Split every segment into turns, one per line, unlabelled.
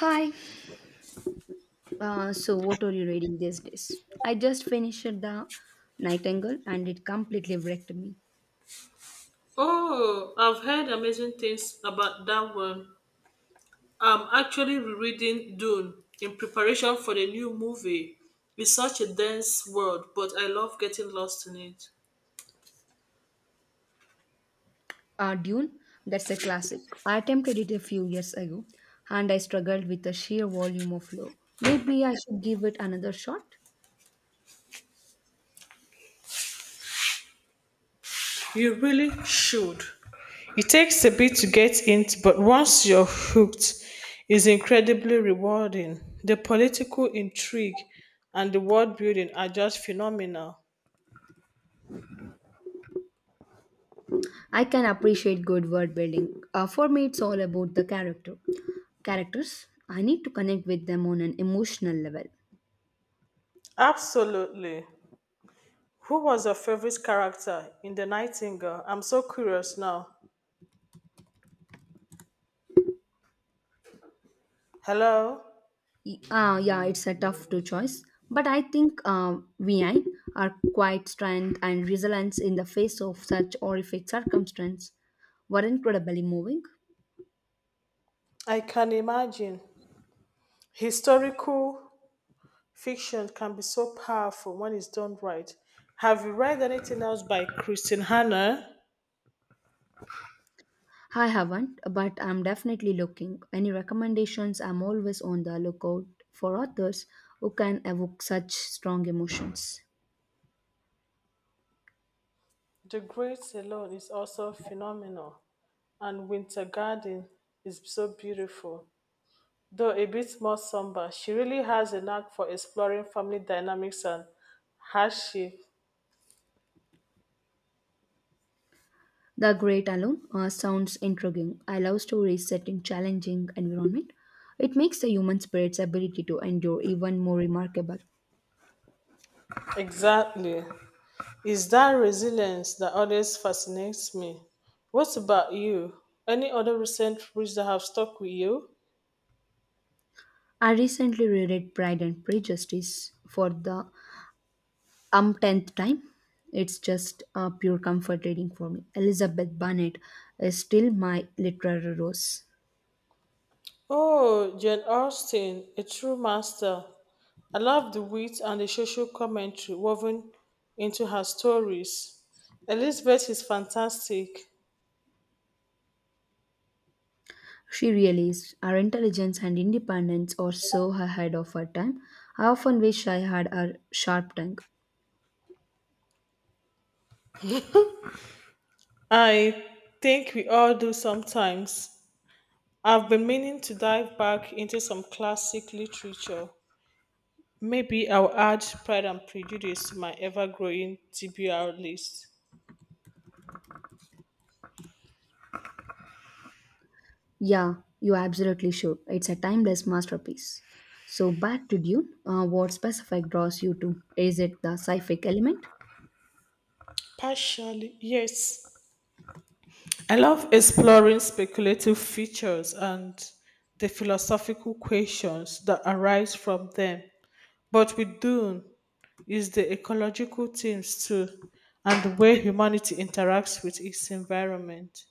Hi. So what are you reading these days? I just finished The Nightingale and it completely wrecked me.
Oh, I've heard amazing things about that one. I'm actually rereading Dune in preparation for the new movie. It's such a dense world, but I love getting lost in it.
Dune, that's a classic. I attempted it a few years ago and I struggled with the sheer volume of lore. Maybe I should give it another shot.
You really should. It takes a bit to get into, but once you're hooked, it's incredibly rewarding. The political intrigue and the world building are just phenomenal.
I can appreciate good world building. For me, it's all about the character. Characters, I need to connect with them on an emotional level.
Absolutely. Who was your favorite character in The Nightingale? I'm so curious now. Hello?
Yeah, it's a tough to choice, but I think VI are quite strength and resilience in the face of such horrific circumstance were incredibly moving.
I can imagine. Historical fiction can be so powerful when it's done right. Have you read anything else by Christine Hanna?
I haven't, but I'm definitely looking. Any recommendations? I'm always on the lookout for authors who can evoke such strong emotions.
The Great Alone is also phenomenal, and Winter Garden is so beautiful. Though a bit more somber, she really has a knack for exploring family dynamics and hardship.
The Great Alone sounds intriguing. I love stories set in challenging environment. It makes the human spirit's ability to endure even more remarkable.
Exactly. Is that resilience that always fascinates me. What about you? Any other recent reads that have stuck with you?
I recently reread Pride and Prejudice for the umpteenth time. It's just a pure comfort reading for me. Elizabeth Bennet is still my literary rose.
Oh, Jane Austen, a true master. I love the wit and the social commentary woven into her stories. Elizabeth is fantastic.
She really is. Her intelligence and independence are so ahead of her time. I often wish I had her sharp tongue.
I think we all do sometimes. I've been meaning to dive back into some classic literature. Maybe I'll add Pride and Prejudice to my ever growing TBR list.
Yeah, you absolutely should. It's a timeless masterpiece. So back to Dune. What specific draws you to? Is it the sci-fi element?
Partially, yes. I love exploring speculative features and the philosophical questions that arise from them. But with Dune is the ecological themes too and the way humanity interacts with its environment.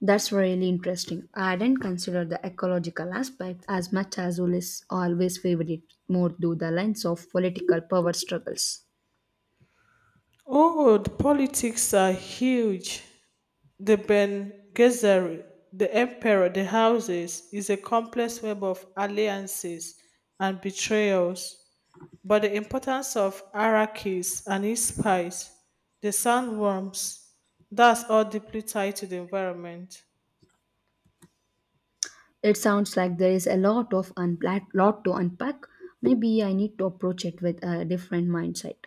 That's really interesting. I didn't consider the ecological aspect as much as Ulyss always favored it more through the lens of political power struggles.
Oh, the politics are huge. The Ben Gesserit, the Emperor, the Houses, is a complex web of alliances and betrayals. But the importance of Arrakis and his spies, the sandworms, that's all deeply tied to the environment.
It sounds like there is a lot of unpla- lot to unpack. Maybe I need to approach it with a different mindset,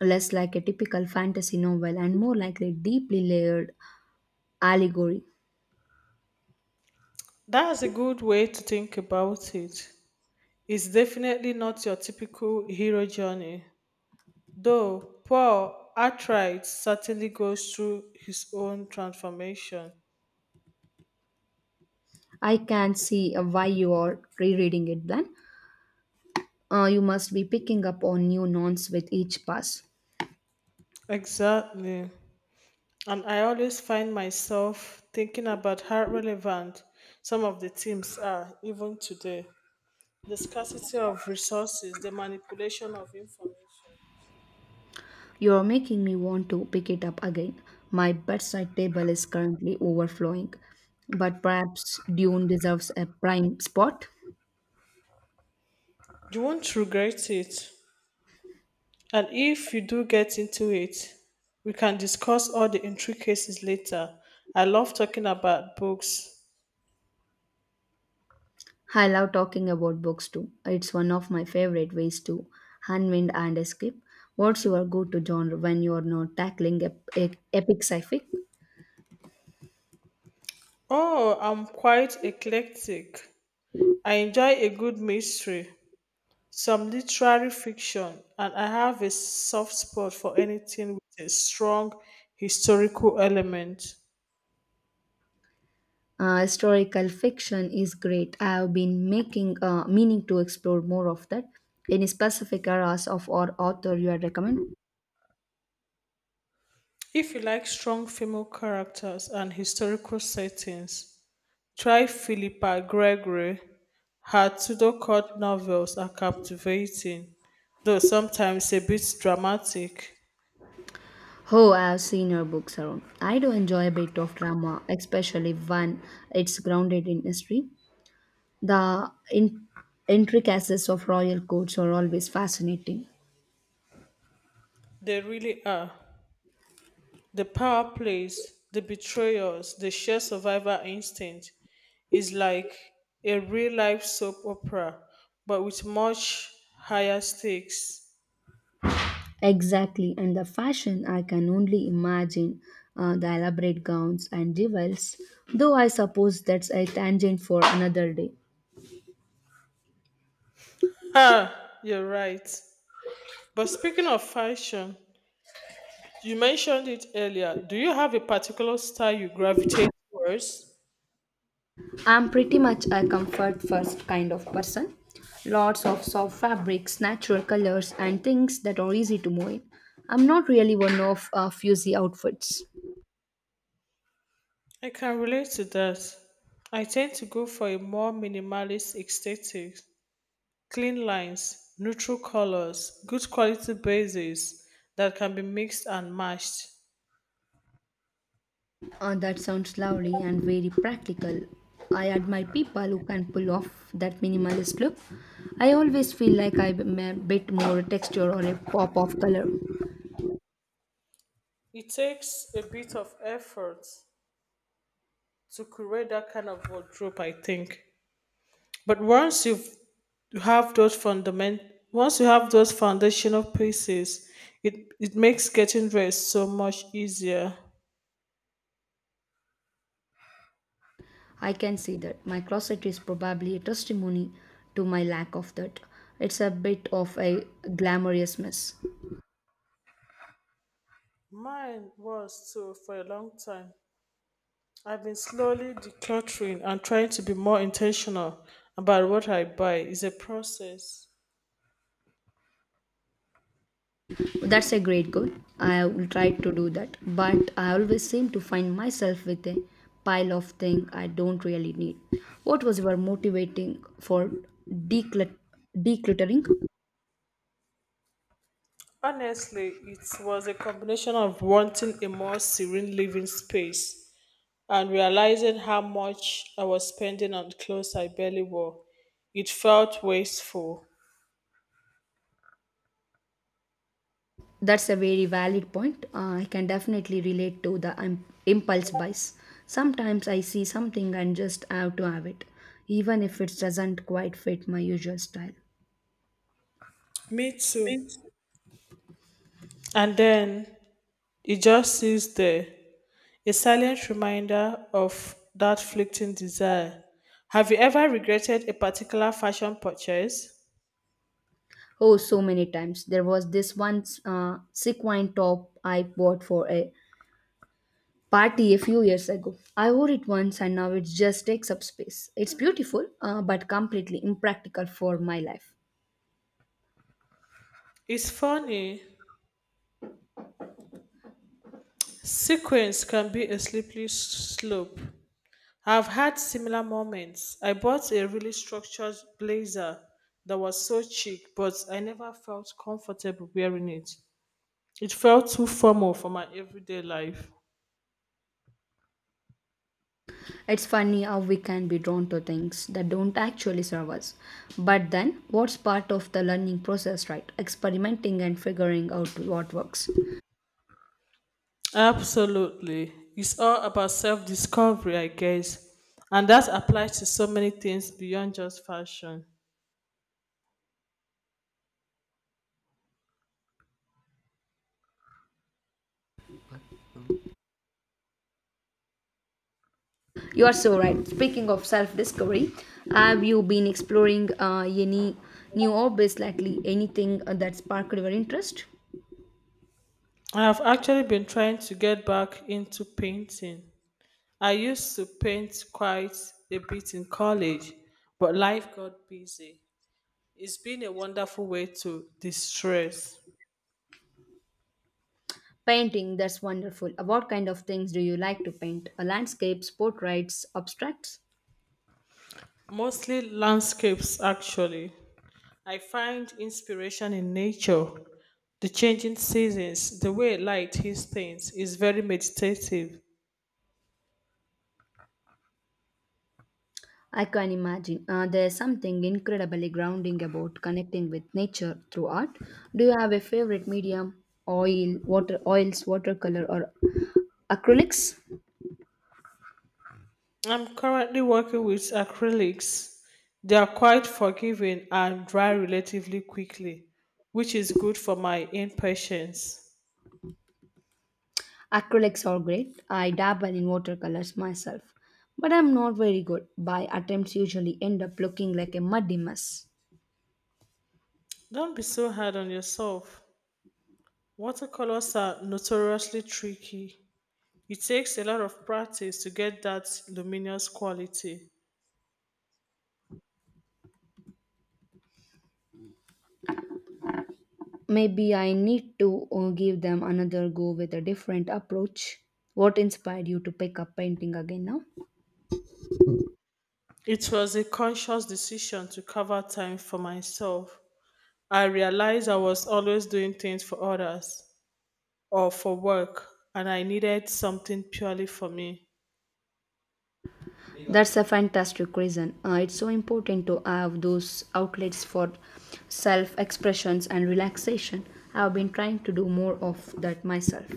less like a typical fantasy novel and more like a deeply layered allegory.
That's a good way to think about it. It's definitely not your typical hero journey, though Paul Arkwright certainly goes through his own transformation.
I can see why you are rereading it, then. You must be picking up on new nouns with each pass.
Exactly. And I always find myself thinking about how relevant some of the teams are, even today. The scarcity of resources, the manipulation of information.
You're making me want to pick it up again. My bedside table is currently overflowing, but perhaps Dune deserves a prime spot.
You won't regret it. And if you do get into it, we can discuss all the intricacies later. I love talking about books.
I love talking about books too. It's one of my favorite ways to unwind and escape. What's your go to genre when you're not tackling epic sci fi?
Oh, I'm quite eclectic. I enjoy a good mystery, some literary fiction, and I have a soft spot for anything with a strong historical element.
Historical fiction is great. I have been making meaning to explore more of that. Any specific eras of or author you are recommend?
If you like strong female characters and historical settings, try Philippa Gregory. Her Tudor court novels are captivating, though sometimes a bit dramatic.
Oh, I have seen your books around. I do enjoy a bit of drama, especially when it's grounded in history. The intricacies of royal courts are always fascinating.
They really are. The power plays, the betrayals, the sheer survivor instinct is like a real life soap opera, but with much higher stakes.
Exactly, and the fashion I can only imagine the elaborate gowns and jewels, though I suppose that's a tangent for another day.
Ha! You're right. But speaking of fashion, you mentioned it earlier. Do you have a particular style you gravitate towards?
I'm pretty much a comfort first kind of person. Lots of soft fabrics, natural colors, and things that are easy to move in. I'm not really one of fuzzy outfits.
I can relate to that. I tend to go for a more minimalist aesthetic, clean lines, neutral colors, good quality bases that can be mixed and matched.
That sounds lovely and very practical. I admire people who can pull off that minimalist look. I always feel like I'm a bit more texture or a pop of color.
It takes a bit of effort to create that kind of wardrobe, I think. But you have those fundament, once you have those foundational pieces, it makes getting dressed so much easier.
I can see that. My closet is probably a testimony to my lack of that. It's a bit of a glamorous mess.
Mine was too for a long time. I've been slowly decluttering and trying to be more intentional about what I buy. It's a process.
That's a great goal. I will try to do that, but I always seem to find myself with a pile of things I don't really need. What was your motivating for declut- decluttering?
Honestly, it was a combination of wanting a more serene living space and realizing how much I was spending on clothes I barely wore. It felt wasteful.
That's a very valid point. I can definitely relate to the impulse buys. Sometimes I see something and just have to have it, even if it doesn't quite fit my usual style.
Me too. And then it just sits there, a silent reminder of that fleeting desire. Have you ever regretted a particular fashion purchase?
Oh, so many times. There was this one sequin top I bought for a party a few years ago. I wore it once and now it just takes up space. It's beautiful, but completely impractical for my life.
It's funny. Sequence can be a slope. I've had similar moments. I bought a really structured blazer that was so chic, but I never felt comfortable wearing it. It felt too formal for my everyday life.
It's funny how we can be drawn to things that don't actually serve us. But then, what's part of the learning process, right? Experimenting and figuring out what works.
Absolutely. It's all about self discovery, I guess. And that applies to so many things beyond just fashion.
You are so right. Speaking of self discovery, have you been exploring any new hobbies, likely anything that sparked your interest?
I have actually been trying to get back into painting. I used to paint quite a bit in college, but life got busy. It's been a wonderful way to distress,
Painting, that's wonderful. What kind of things do you like to paint? Landscapes, portraits, abstracts?
mostly landscapes, actually. I find inspiration in nature. The changing seasons, the way light hits things, is very meditative.
I can imagine. There's something incredibly grounding about connecting with nature through art. Do you have a favorite medium? Oil, water, oils, watercolor, or acrylics?
I'm currently working with acrylics. They are quite forgiving and dry relatively quickly, which is good for my impatience.
Acrylics are great. I dabble in watercolors myself, but I'm not very good. My attempts, usually end up looking like a muddy mess.
Don't be so hard on yourself. Watercolors are notoriously tricky. It takes a lot of practice to get that luminous quality.
Maybe I need to give them another go with a different approach. What inspired you to pick up painting again now?
It was a conscious decision to cover time for myself. I realized I was always doing things for others or for work, and I needed something purely for me.
That's a fantastic reason. It's so important to have those outlets for self expressions and relaxation. I've been trying to do more of that myself.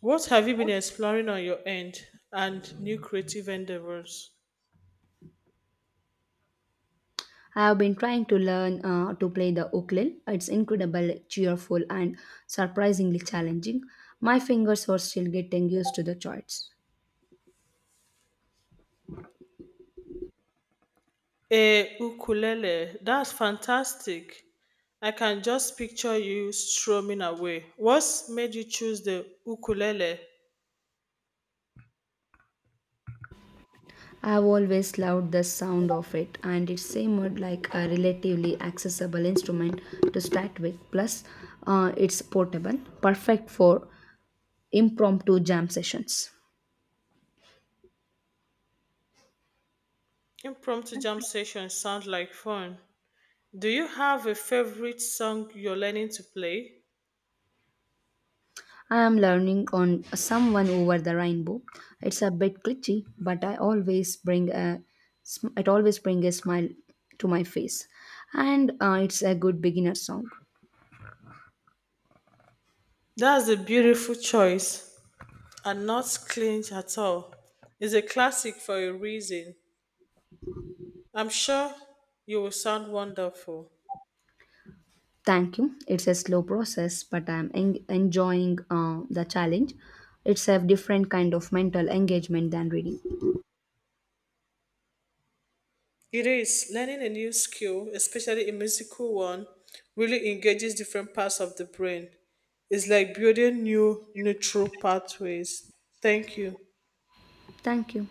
What have you been exploring on your end and new creative endeavors?
I have been trying to learn to play the ukulele. It's incredible, cheerful, and surprisingly challenging. My fingers are still getting used to the chords.
A ukulele. That's fantastic. I can just picture you strumming away. What's made you choose the ukulele?
I've always loved the sound of it, and it seemed like a relatively accessible instrument to start with. Plus, it's portable, perfect for impromptu jam sessions.
Impromptu jam sessions sound like fun. Do you have a favorite song you're learning to play?
I am learning on someone over the rainbow. It's a bit glitchy, but I always it always brings a smile to my face, and it's a good beginner song.
That's a beautiful choice and not cringe at all. It's a classic for a reason. I'm sure you will sound wonderful.
Thank you. It's a slow process, but I'm enjoying the challenge. It's a different kind of mental engagement than reading.
It is. Learning a new skill, especially a musical one, really engages different parts of the brain. It's like building new neutral pathways. Thank you.
Thank you.